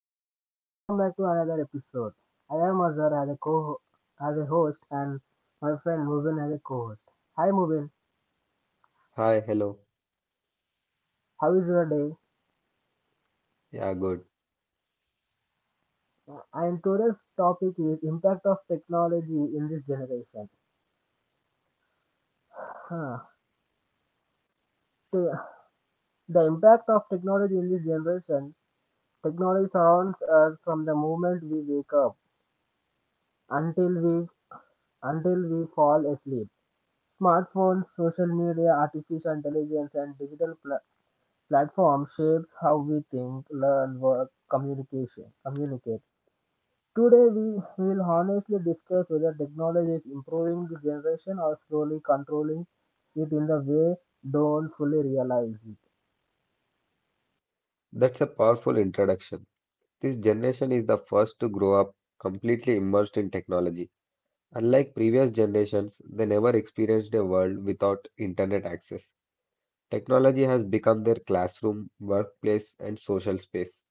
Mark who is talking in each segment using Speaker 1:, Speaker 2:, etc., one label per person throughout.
Speaker 1: Hello guys, welcome back to another episode. I am Azhar as a host and my friend Mubin as a co-host. Hi Mubin,
Speaker 2: Hi, hello.
Speaker 1: how is your day?
Speaker 2: Yeah, good.
Speaker 1: And today's topic is impact of technology in this generation. Huh. The, the impact of technology in this generation, technology surrounds us from the moment we wake up until we until we fall asleep. Smartphones, social media, artificial intelligence, and platform shapes how we think, learn, work, communicate. Today, we will honestly discuss whether technology is improving the generation or slowly controlling it in the way don't fully realize it.
Speaker 2: That's a powerful introduction. This generation is the first to grow up completely immersed in technology. Unlike previous generations, they never experienced a world without internet access. Technology has become their classroom, workplace, and social space.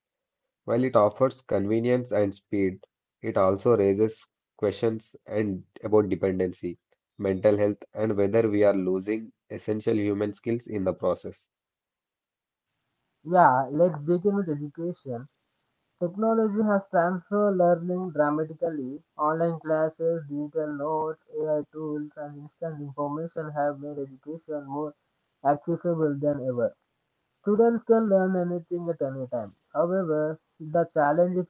Speaker 2: While it offers convenience and speed, it also raises questions and about dependency, mental health, and whether we are losing essential human skills in the process.
Speaker 1: Yeah, let's begin with education. Technology has transformed learning dramatically. Online classes, digital notes, AI tools, and instant information have made education more accessible than ever. Students can learn anything at any time. However, the challenge is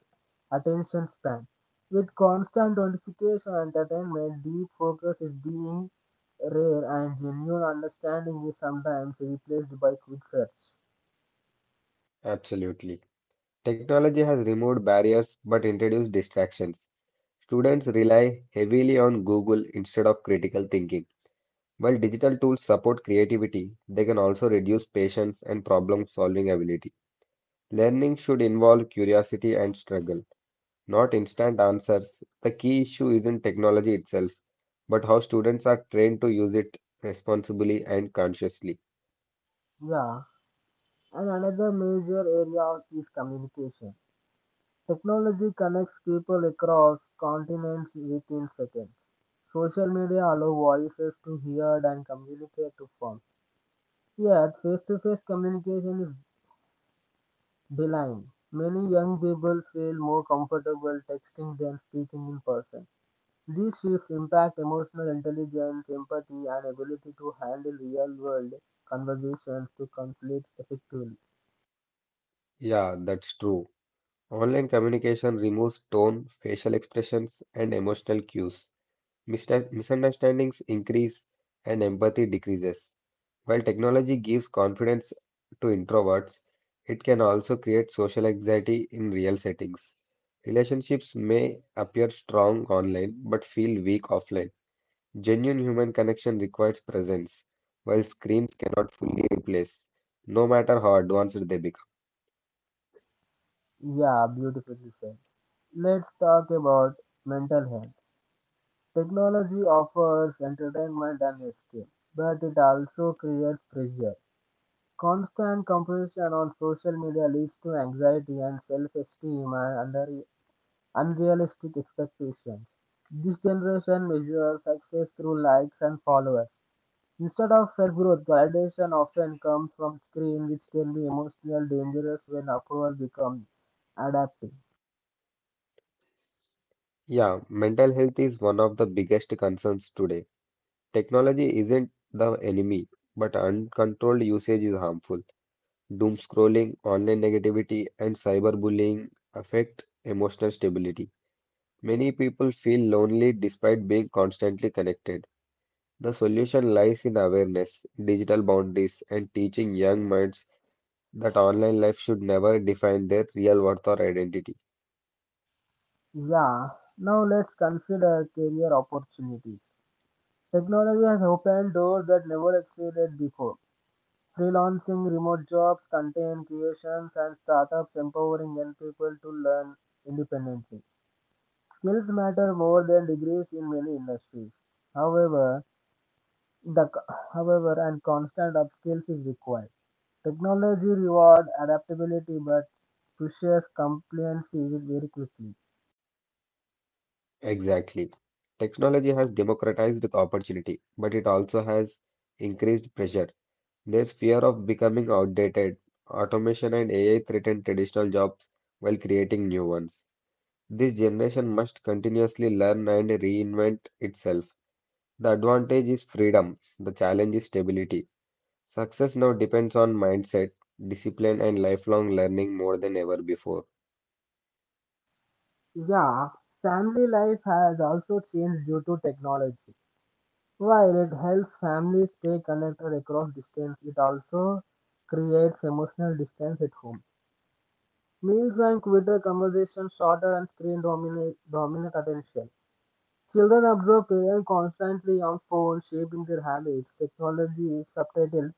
Speaker 1: attention span. With constant notification and entertainment, deep focus is being rare and genuine understanding is sometimes replaced by quick search.
Speaker 2: Absolutely. Technology has removed barriers but introduced distractions. Students rely heavily on Google instead of critical thinking. While digital tools support creativity, they can also reduce patience and problem-solving ability. Learning should involve curiosity and struggle, not instant answers. The key issue isn't technology itself, but how students are trained to use it responsibly and consciously.
Speaker 1: Yeah, and another major area is communication. Technology connects people across continents within seconds. Social media allow voices to heard and communicate to form. Yet, face-to-face communication is. The. Many young people feel more comfortable texting than speaking in person. These shifts impact emotional intelligence, empathy, and ability to handle real world conversations to conflict effectively.
Speaker 2: Yeah, that's true. Online communication removes tone, facial expressions, and emotional cues. Misunderstandings increase and empathy decreases. While technology gives confidence to introverts, it can also create social anxiety in real settings. Relationships may appear strong online but feel weak offline. Genuine human connection requires presence, while screens cannot fully replace, no matter how advanced they become.
Speaker 1: Yeah, beautifully said. Let's talk about mental health. Technology offers entertainment and escape, but it also creates pressure. Constant comparison on social media leads to anxiety and self-esteem and under unrealistic expectations. This generation measures success through likes and followers. Instead of self growth, validation often comes from screen, which can be emotional dangerous when approval becomes adaptive.
Speaker 2: Yeah, mental health is one of the biggest concerns today. Technology isn't the enemy, but uncontrolled usage is harmful. Doom scrolling, online negativity, and cyberbullying affect emotional stability. Many people feel lonely despite being constantly connected. The solution lies in awareness, digital boundaries, and teaching young minds that online life should never define their real worth or identity.
Speaker 1: Yeah, now let's consider career opportunities. Technology has opened doors that never existed before. Freelancing, remote jobs, content creations, and startups empowering young people to learn independently. Skills matter more than degrees in many industries. However, the however, and constant of skills is required. Technology reward adaptability but pushes compliancy very quickly.
Speaker 2: Exactly. Technology has democratized opportunity, but it also has increased pressure. There's fear of becoming outdated. Automation and AI threaten traditional jobs while creating new ones. This generation must continuously learn and reinvent itself. The advantage is freedom, the challenge is stability. Success now depends on mindset, discipline, and lifelong learning more than ever before.
Speaker 1: Yeah, family life has also changed due to technology. While it helps families stay connected across distance, it also creates emotional distance at home. Meals and Twitter conversations shorter and screen dominate dominant attention. Children absorb AI constantly on phones, shaping their habits. Technology is subtitled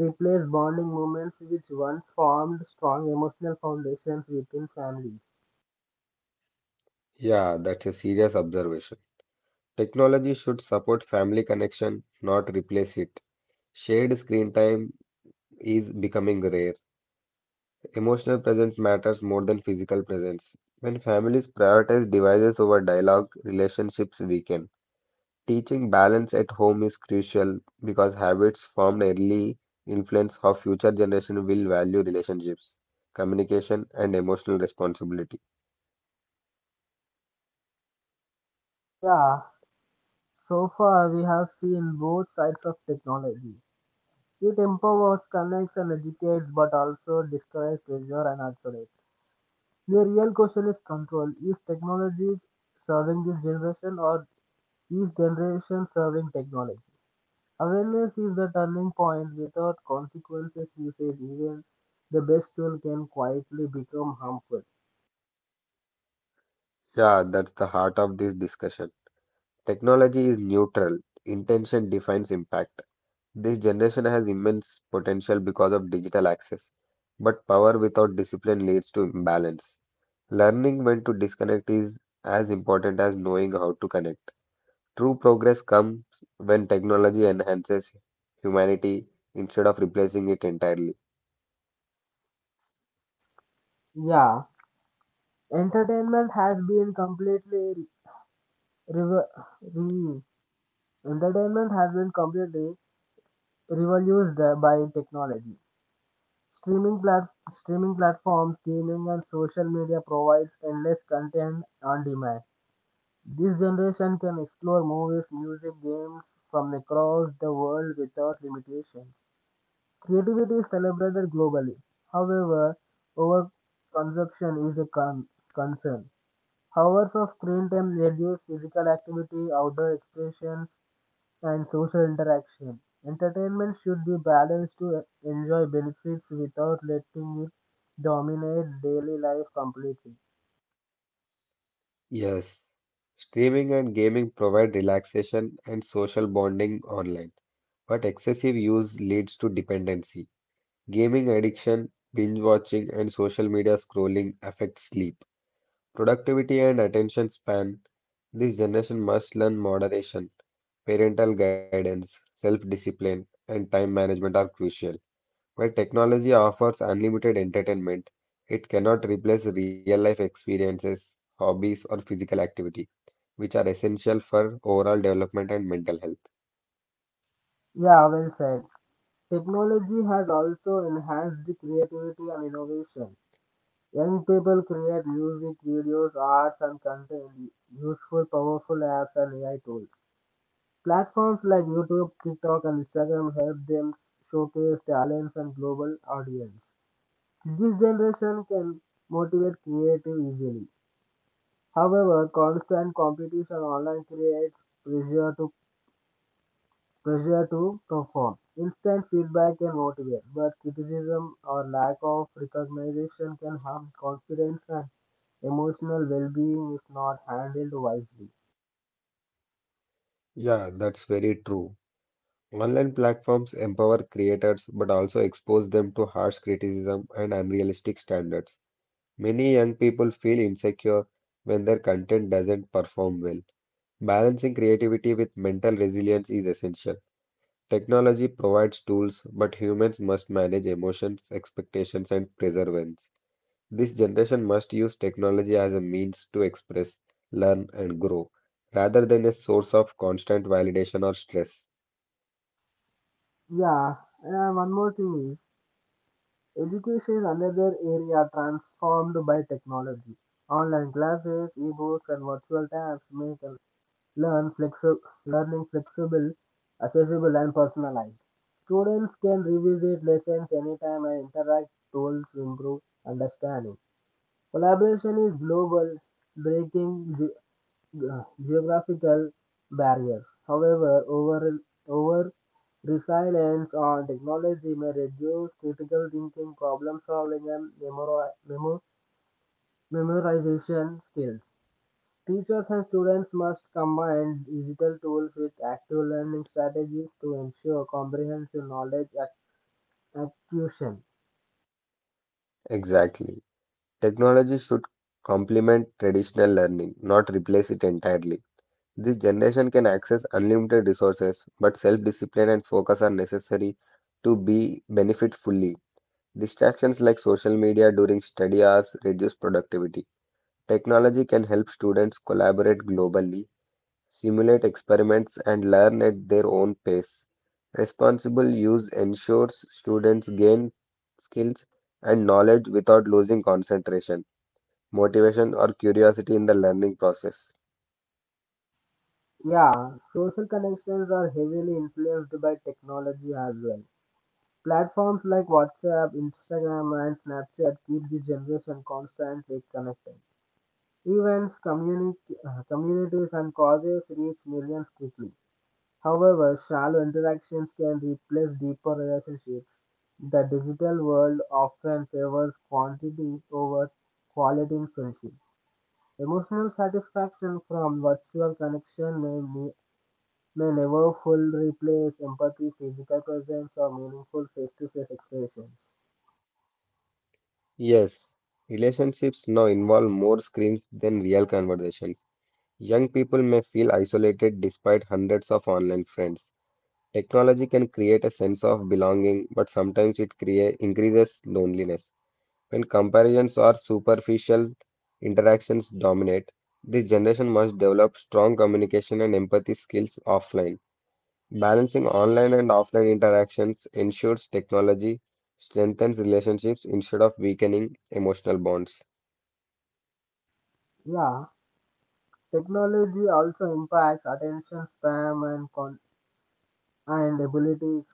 Speaker 1: replace bonding moments which once formed strong emotional foundations within families.
Speaker 2: Yeah, that's a serious observation. Technology should support family connection, not replace it. Shared screen time is becoming rare. Emotional presence matters more than physical presence. When families prioritize devices over dialogue, relationships weaken. Teaching balance at home is crucial because habits formed early influence how future generation will value relationships, communication, and emotional responsibility.
Speaker 1: Yeah, so far we have seen both sides of technology. It empowers, connects, and educates, but also discourages pressure and isolates. The real question is control. Is technology serving this generation or is generation serving technology? Awareness is the turning point. Without consequences usage, even the best tool can quietly become harmful.
Speaker 2: Yeah, that's the heart of this discussion. Technology is neutral. Intention defines impact. This generation has immense potential because of digital access, but power without discipline leads to imbalance. Learning when to disconnect is as important as knowing how to connect. True progress comes when technology enhances humanity instead of replacing it entirely.
Speaker 1: Yeah, entertainment has been completely revo- re- entertainment has been completely revolutionized by technology. Streaming platforms, gaming, and social media provides endless content on demand. This generation can explore movies, music, games from across the world without limitations. Creativity is celebrated globally. However, overconsumption is a concern. Hours of screen time reduce physical activity, outdoor expressions, and social interaction. Entertainment should be balanced to enjoy benefits without letting it dominate daily life completely.
Speaker 2: Yes. Streaming and gaming provide relaxation and social bonding online, but excessive use leads to dependency. Gaming addiction, binge watching, and social media scrolling affect sleep, productivity, and attention span. This generation must learn moderation. Parental guidance, self-discipline, and time management are crucial. While technology offers unlimited entertainment, it cannot replace real-life experiences, hobbies, or physical activity, which are essential for overall development and mental health.
Speaker 1: Yeah, well said. Technology has also enhanced the creativity and innovation. Young people create music, videos, arts, and content useful, powerful apps and AI tools. Platforms like YouTube, TikTok, and Instagram help them showcase talents and global audience. This generation can motivate creative easily. However, constant competition online creates pressure to perform. Instant feedback can motivate, but criticism or lack of recognition can harm confidence and emotional well-being if not handled wisely.
Speaker 2: Yeah, that's very true. Online platforms empower creators but also expose them to harsh criticism and unrealistic standards. Many young people feel insecure when their content doesn't perform well. Balancing creativity with mental resilience is essential. Technology provides tools, but humans must manage emotions, expectations, and perseverance. This generation must use technology as a means to express, learn, and grow, rather than a source of constant validation or stress.
Speaker 1: Yeah, and one more thing is education is another area transformed by technology. Online classes, ebooks, and virtual tabs make a learn flexi- learning flexible, accessible, and personalized. Students can revisit lessons anytime and interact tools to improve understanding. Collaboration is global, breaking geographical barriers. However, over reliance on technology may reduce critical thinking, problem solving, and memorization skills. Teachers and students must combine digital tools with active learning strategies to ensure comprehensive acquisition.
Speaker 2: Exactly. Technology should complement traditional learning, not replace it entirely. This generation can access unlimited resources, but self-discipline and focus are necessary to be benefit fully. Distractions like social media during study hours reduce productivity. Technology can help students collaborate globally, simulate experiments, and learn at their own pace. Responsible use ensures students gain skills and knowledge without losing concentration, motivation, or curiosity in the learning process.
Speaker 1: Yeah, social connections are heavily influenced by technology as well. Platforms like WhatsApp, Instagram, and Snapchat keep the generation constantly connected. Events, communities, and causes reach millions quickly. However, shallow interactions can replace deeper relationships. The digital world often favors quantity over quality in friendship. Emotional satisfaction from virtual connection may never fully replace empathy, physical presence, or meaningful face to face expressions.
Speaker 2: Yes, relationships now involve more screens than real conversations. Young people may feel isolated despite hundreds of online friends. Technology can create a sense of belonging, but sometimes it increases loneliness. When comparisons or superficial interactions dominate, this generation must develop strong communication and empathy skills offline. Balancing online and offline interactions ensures technology strengthens relationships instead of weakening emotional bonds.
Speaker 1: Yeah, technology also impacts attention span and abilities.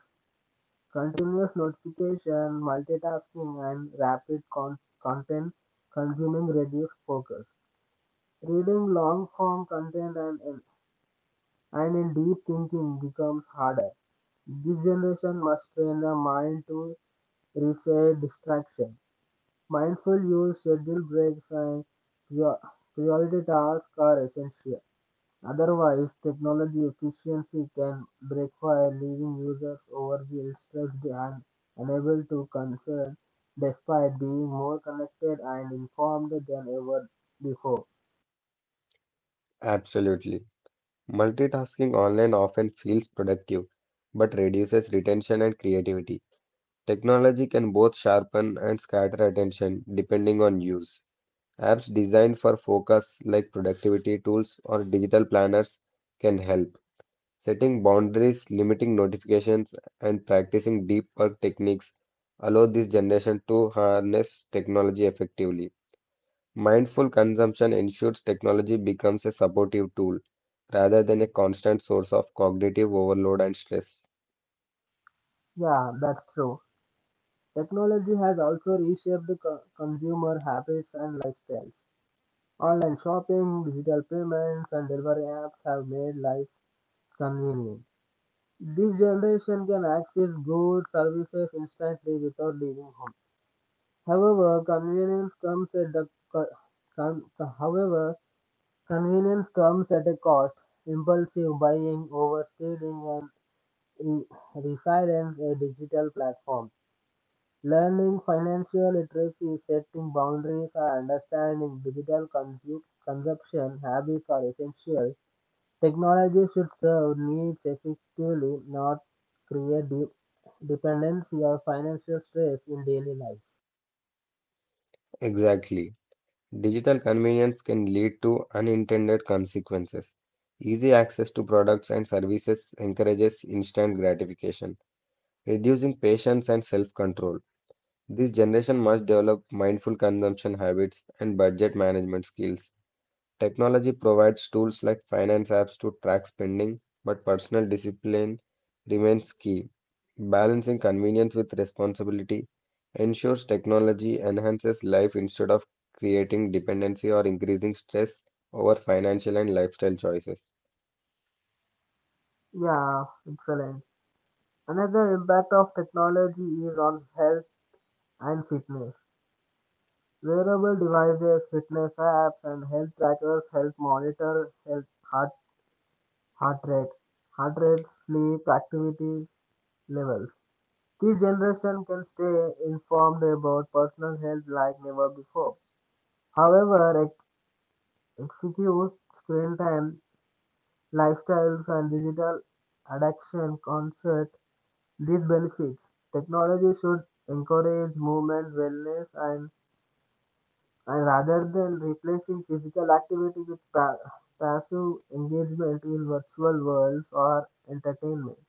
Speaker 1: Continuous notification, multitasking, and content consuming reduce focus. Reading long form content and in deep thinking becomes harder. This generation must train the mind to resist distraction. Mindful use, schedule breaks, and prior- priority tasks are essential. Otherwise, technology efficiency can backfire, leaving users overwhelmed, stressed, and unable to concern despite being more connected and informed than ever before.
Speaker 2: Absolutely. Multitasking online often feels productive, but reduces retention and creativity. Technology can both sharpen and scatter attention depending on use. Apps designed for focus, like productivity tools or digital planners, can help. Setting boundaries, limiting notifications, and practicing deep work techniques allow this generation to harness technology effectively. Mindful consumption ensures technology becomes a supportive tool rather than a constant source of cognitive overload and stress.
Speaker 1: Yeah, that's true. Technology has also reshaped the consumer habits and lifestyles. Online shopping, digital payments, and delivery apps have made life convenient. This generation can access goods, services instantly without leaving home. However, convenience comes at the co- con- however, convenience comes at a cost. Impulsive buying, overspending, and resilience a digital platform. Learning financial literacy, setting boundaries, and understanding consumption habits are essential. Technology should serve needs effectively, not create dependency or financial stress in daily life.
Speaker 2: Exactly. Digital convenience can lead to unintended consequences. Easy access to products and services encourages instant gratification, reducing patience and self-control. This generation must develop mindful consumption habits and budget management skills. Technology provides tools like finance apps to track spending, but personal discipline remains key. Balancing convenience with responsibility ensures technology enhances life instead of creating dependency or increasing stress over financial and lifestyle choices.
Speaker 1: Yeah, excellent. Another impact of technology is on health and fitness. Wearable devices, fitness apps, and health trackers help monitor health, heart, heart rate, heart rate, sleep, activity levels. This generation can stay informed about personal health like never before. However, excessive screen time, lifestyles, and digital addiction concert these benefits. Technology should encourage movement, wellness, and rather than replacing physical activity with passive engagement in virtual worlds or entertainment.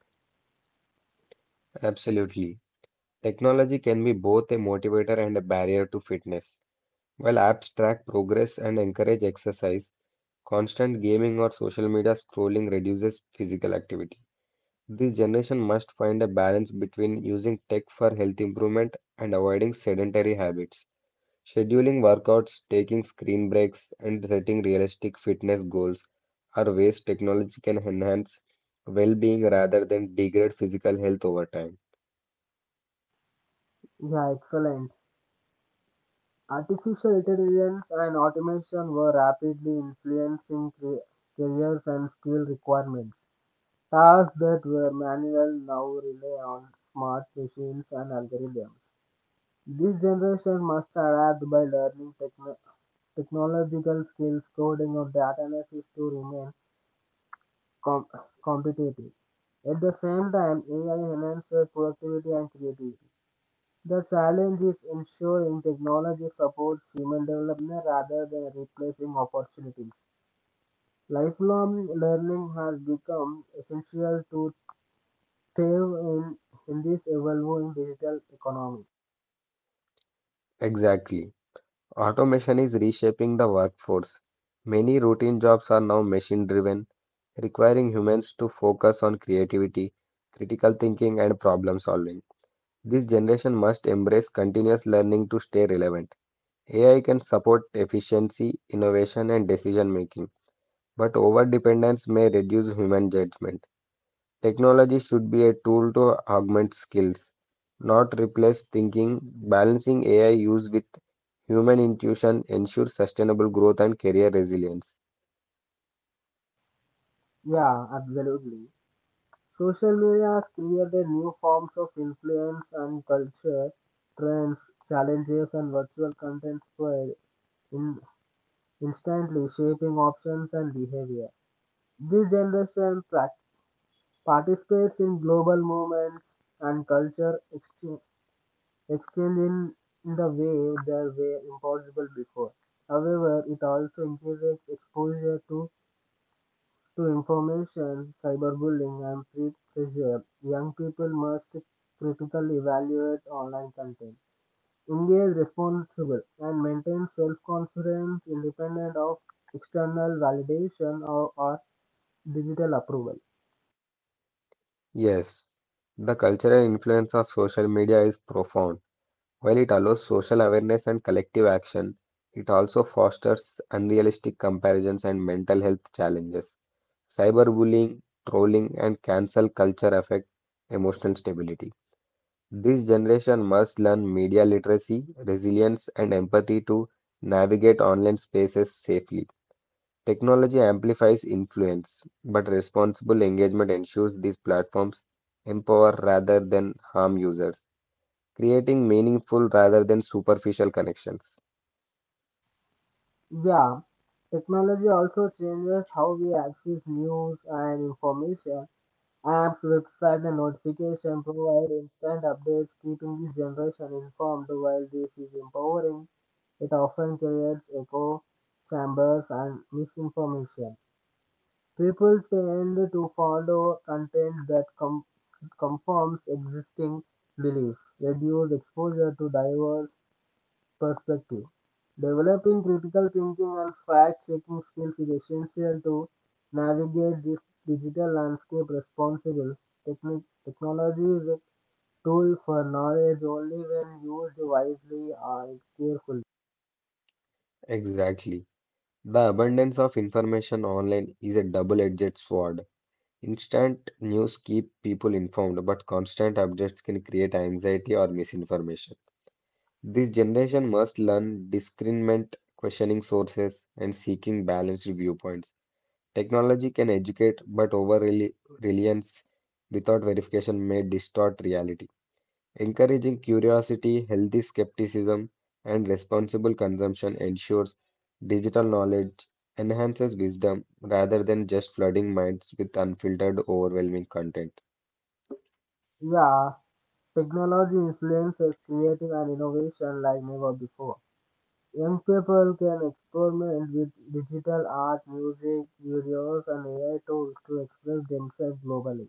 Speaker 2: Absolutely. Technology can be both a motivator and a barrier to fitness. While apps track progress and encourage exercise, constant gaming or social media scrolling reduces physical activity. This generation must find a balance between using tech for health improvement and avoiding sedentary habits. Scheduling workouts, taking screen breaks, and setting realistic fitness goals are ways technology can enhance well being rather than degrade physical health over time.
Speaker 1: Yeah, excellent. Artificial intelligence and automation were rapidly influencing careers and skill requirements. Tasks that were manual now rely on smart machines and algorithms. This generation must adapt by learning technological skills, coding, or data analysis to remain com- competitive. At the same time, AI enhances productivity and creativity. The challenge is ensuring technology supports human development rather than replacing opportunities. Lifelong learning has become essential to thrive in this evolving digital economy.
Speaker 2: Exactly. Automation is reshaping the workforce. Many routine jobs are now machine driven, requiring humans to focus on creativity, critical thinking, and problem solving. This generation must embrace continuous learning to stay relevant. AI can support efficiency, innovation, and decision making, but overdependence may reduce human judgment. Technology should be a tool to augment skills, not replace thinking. Balancing AI use with human intuition ensures sustainable growth and career resilience.
Speaker 1: Yeah, absolutely. Social media has created new forms of influence and culture, trends, challenges, and virtual content spread in instantly shaping options and behavior. This generation participates in global movements and culture exchange, exchange in the way that were impossible before. However, it also increases exposure to information, cyberbullying, and peer pressure. Young people must critically evaluate online content, engage responsible, and maintain self-confidence independent of external validation or digital approval.
Speaker 2: Yes, the cultural influence of social media is profound. While it allows social awareness and collective action, it also fosters unrealistic comparisons and mental health challenges. Cyberbullying, trolling, and cancel culture affect emotional stability. This generation must learn media literacy, resilience, and empathy to navigate online spaces safely. Technology amplifies influence, but responsible engagement ensures these platforms empower rather than harm users creating meaningful rather than superficial connections.
Speaker 1: Yeah, technology also changes how we access news and information. Apps, websites, and notifications provide instant updates, keeping the generation informed. While this is empowering, it often creates echo chambers and misinformation. People tend to follow content that conforms existing belief, reduce exposure to diverse perspective. Developing critical thinking and fact checking skills is essential to navigate this digital landscape responsibly. Technology is a tool for knowledge only when used wisely and carefully.
Speaker 2: Exactly. The abundance of information online is a double-edged sword. Instant news keep people informed, but constant updates can create anxiety or misinformation. This generation must learn discernment, questioning sources, and seeking balanced viewpoints. Technology can educate, but over-reliance without verification may distort reality. Encouraging curiosity, healthy skepticism, and responsible consumption ensures digital knowledge enhances wisdom rather than just flooding minds with unfiltered, overwhelming content.
Speaker 1: Yeah, technology influences creative and innovation like never before. Young people can experiment with digital art, music, videos, and AI tools to express themselves globally.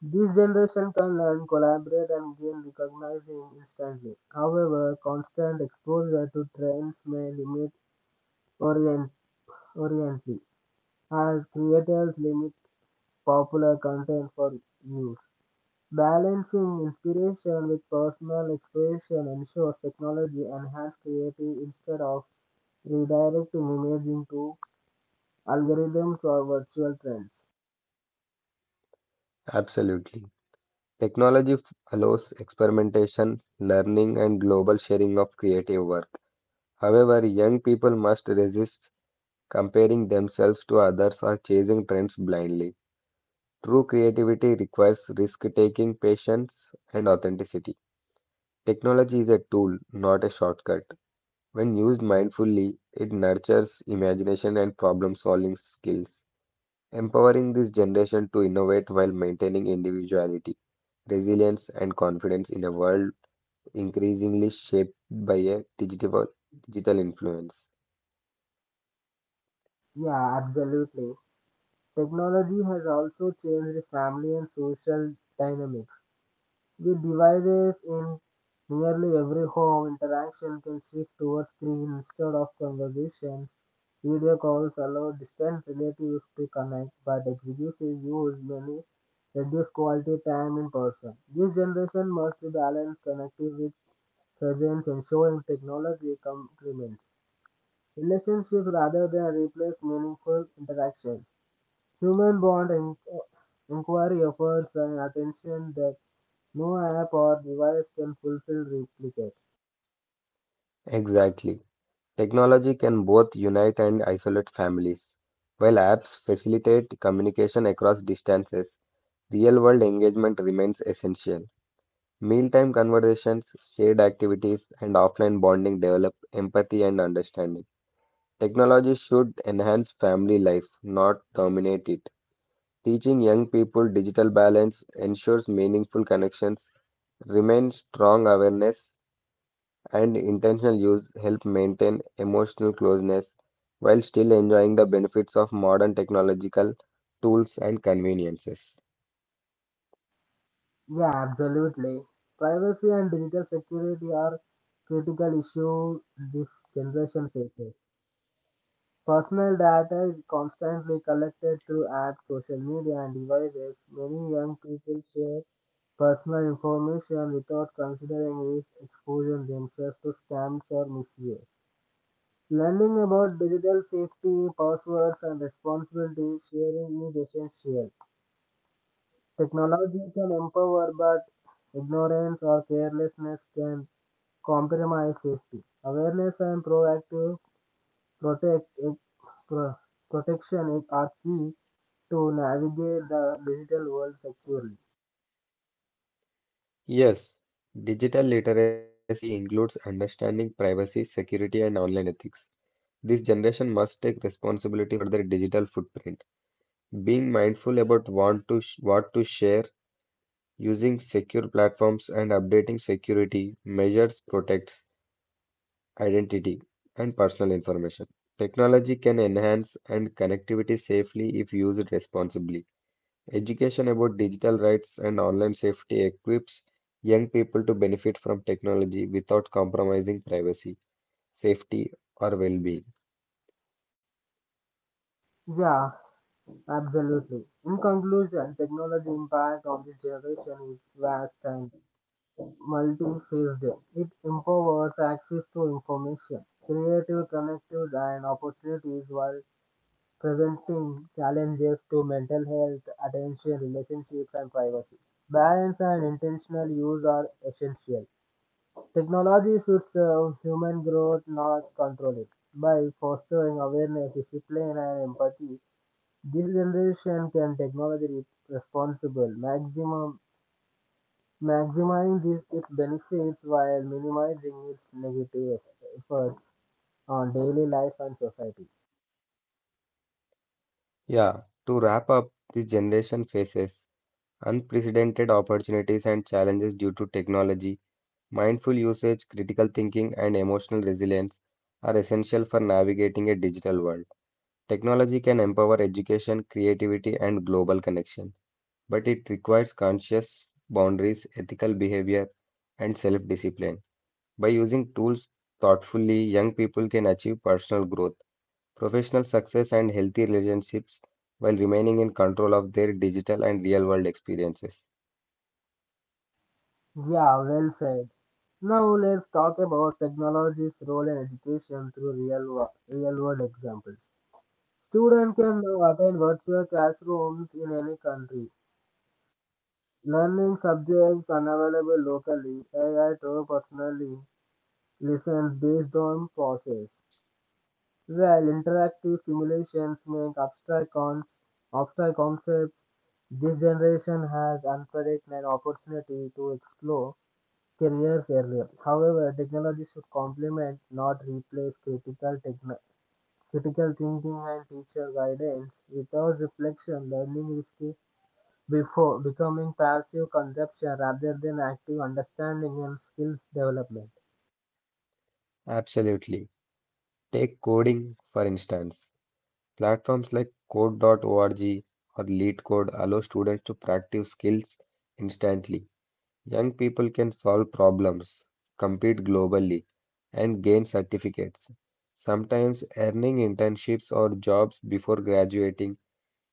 Speaker 1: This generation can learn, collaborate, and gain recognition instantly. However, constant exposure to trends may limit orient oriently, as creators limit popular content for use. Balancing inspiration with personal expression ensures technology enhances creativity instead of redirecting image into algorithms or virtual trends.
Speaker 2: Absolutely. Technology f- allows experimentation, learning, and global sharing of creative work. However, young people must resist comparing themselves to others or chasing trends blindly. True creativity requires risk taking, patience, and authenticity. Technology is a tool, not a shortcut. When used mindfully, it nurtures imagination and problem-solving skills, empowering this generation to innovate while maintaining individuality, resilience, and confidence in a world increasingly shaped by a digital influence.
Speaker 1: Yeah, absolutely. Technology has also changed family and social dynamics. With devices in nearly every home, interaction can shift towards screen instead of conversation. Video calls allow distant relatives to connect, but exclusive use many reduce quality time in person. This generation must balance connectivity with presence, ensuring technology complements relationships rather than replace meaningful interaction. Human Bond en- Inquiry offers an attention that no app or device can fulfill replicate.
Speaker 2: Exactly. Technology can both unite and isolate families. While apps facilitate communication across distances, real-world engagement remains essential. Mealtime conversations, shared activities, and offline bonding develop empathy and understanding. Technology should enhance family life, not dominate it. Teaching young people digital balance ensures meaningful connections, remain strong awareness, and intentional use help maintain emotional closeness while still enjoying the benefits of modern technological tools and conveniences.
Speaker 1: Yeah, absolutely. Privacy and digital security are critical issues this generation faces. Personal data is constantly collected through apps, social media, and devices. Many young people share personal information without considering risk exposure themselves to scams or misuse. Learning about digital safety, passwords, and responsibility sharing is essential. Technology can empower, but ignorance or carelessness can compromise safety. Awareness and proactive protect, pro, protection are key to navigate the digital world securely.
Speaker 2: Yes, digital literacy includes understanding privacy, security, and online ethics. This generation must take responsibility for their digital footprint, being mindful about what to share, using secure platforms, and updating security measures protects identity and personal information. Technology can enhance and connectivity safely if used responsibly. Education about digital rights and online safety equips young people to benefit from technology without compromising privacy, safety, or well being.
Speaker 1: Yeah, absolutely. In conclusion, technology impact on the generation is vast and multifaceted. It empowers access to information, creative connected and opportunities while presenting challenges to mental health, attention, relationships and privacy. Balance and intentional use are essential. Technology should serve human growth, not control it. By fostering awareness, discipline and empathy, this generation can technology responsible, maximum maximizing its benefits while minimizing its negative efforts on daily life and society.
Speaker 2: Yeah, to wrap up, this generation faces unprecedented opportunities and challenges due to technology. Mindful usage, critical thinking, and emotional resilience are essential for navigating a digital world. Technology can empower education, creativity, and global connection, but it requires conscious boundaries, ethical behavior, and self discipline. By using tools thoughtfully, young people can achieve personal growth, professional success, and healthy relationships while remaining in control of their digital and real world experiences.
Speaker 1: Yeah, well said. Now let's talk about technology's role in education through real world examples. Students can now attend virtual classrooms in any country, learning subjects unavailable locally, AI to personally listen based on process. Well, interactive simulations make abstract concepts this generation has unpredicted an opportunity to explore careers earlier. However, technology should complement, not replace, techno- critical thinking and teacher guidance. Without reflection, learning risky before becoming passive consumption rather than active understanding and skills development.
Speaker 2: Absolutely. Take coding, for instance. Platforms like code.org or LeetCode allow students to practice skills instantly. Young people can solve problems, compete globally, and gain certificates, sometimes earning internships or jobs before graduating,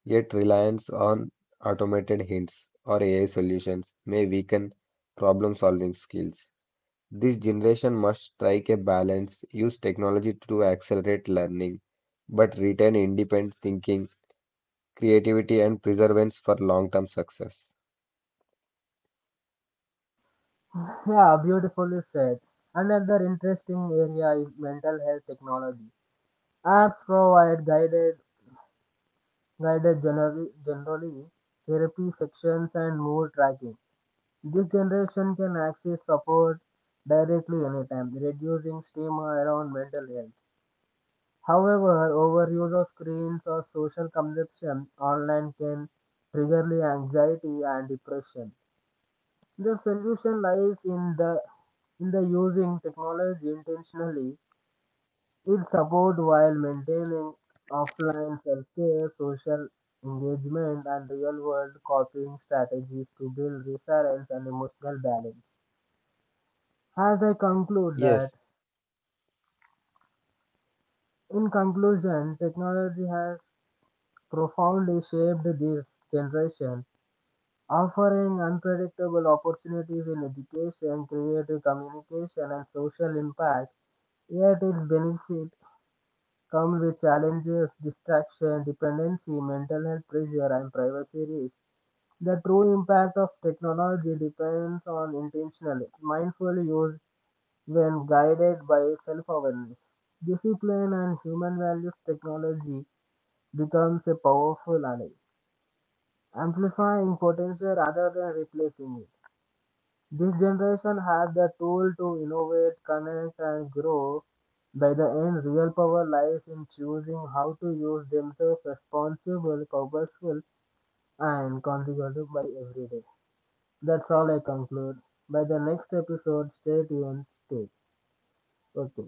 Speaker 2: yet reliance on automated hints or AI solutions may weaken problem-solving skills. This generation must strike a balance, use technology to accelerate learning, but retain independent thinking, creativity, and perseverance for long-term success.
Speaker 1: Yeah, beautifully said. Another interesting area is mental health technology. Apps provide generally therapy sections and mood tracking. This generation can access support directly anytime, reducing stigma around mental health. However, overuse of screens or social consumption online can trigger anxiety and depression. The solution lies in the using technology intentionally. It supports while maintaining offline self-care, social engagement, and real-world coping strategies to build resilience and emotional balance. As I conclude that,
Speaker 2: Yes,
Speaker 1: in conclusion, technology has profoundly shaped this generation, offering unpredictable opportunities in education, creative communication, and social impact. Yet its benefit come with challenges, distraction, dependency, mental health pressure, and privacy risks. The true impact of technology depends on intentional, mindful use when guided by self-awareness. Discipline and human values technology becomes a powerful ally, amplifying potential rather than replacing it. This generation had the tool to innovate, connect, and grow. By the end, real power lies in choosing how to use themselves responsible, purposeful, and consequential by every day. That's all I conclude. By the next episode, stay tuned, stay. Okay.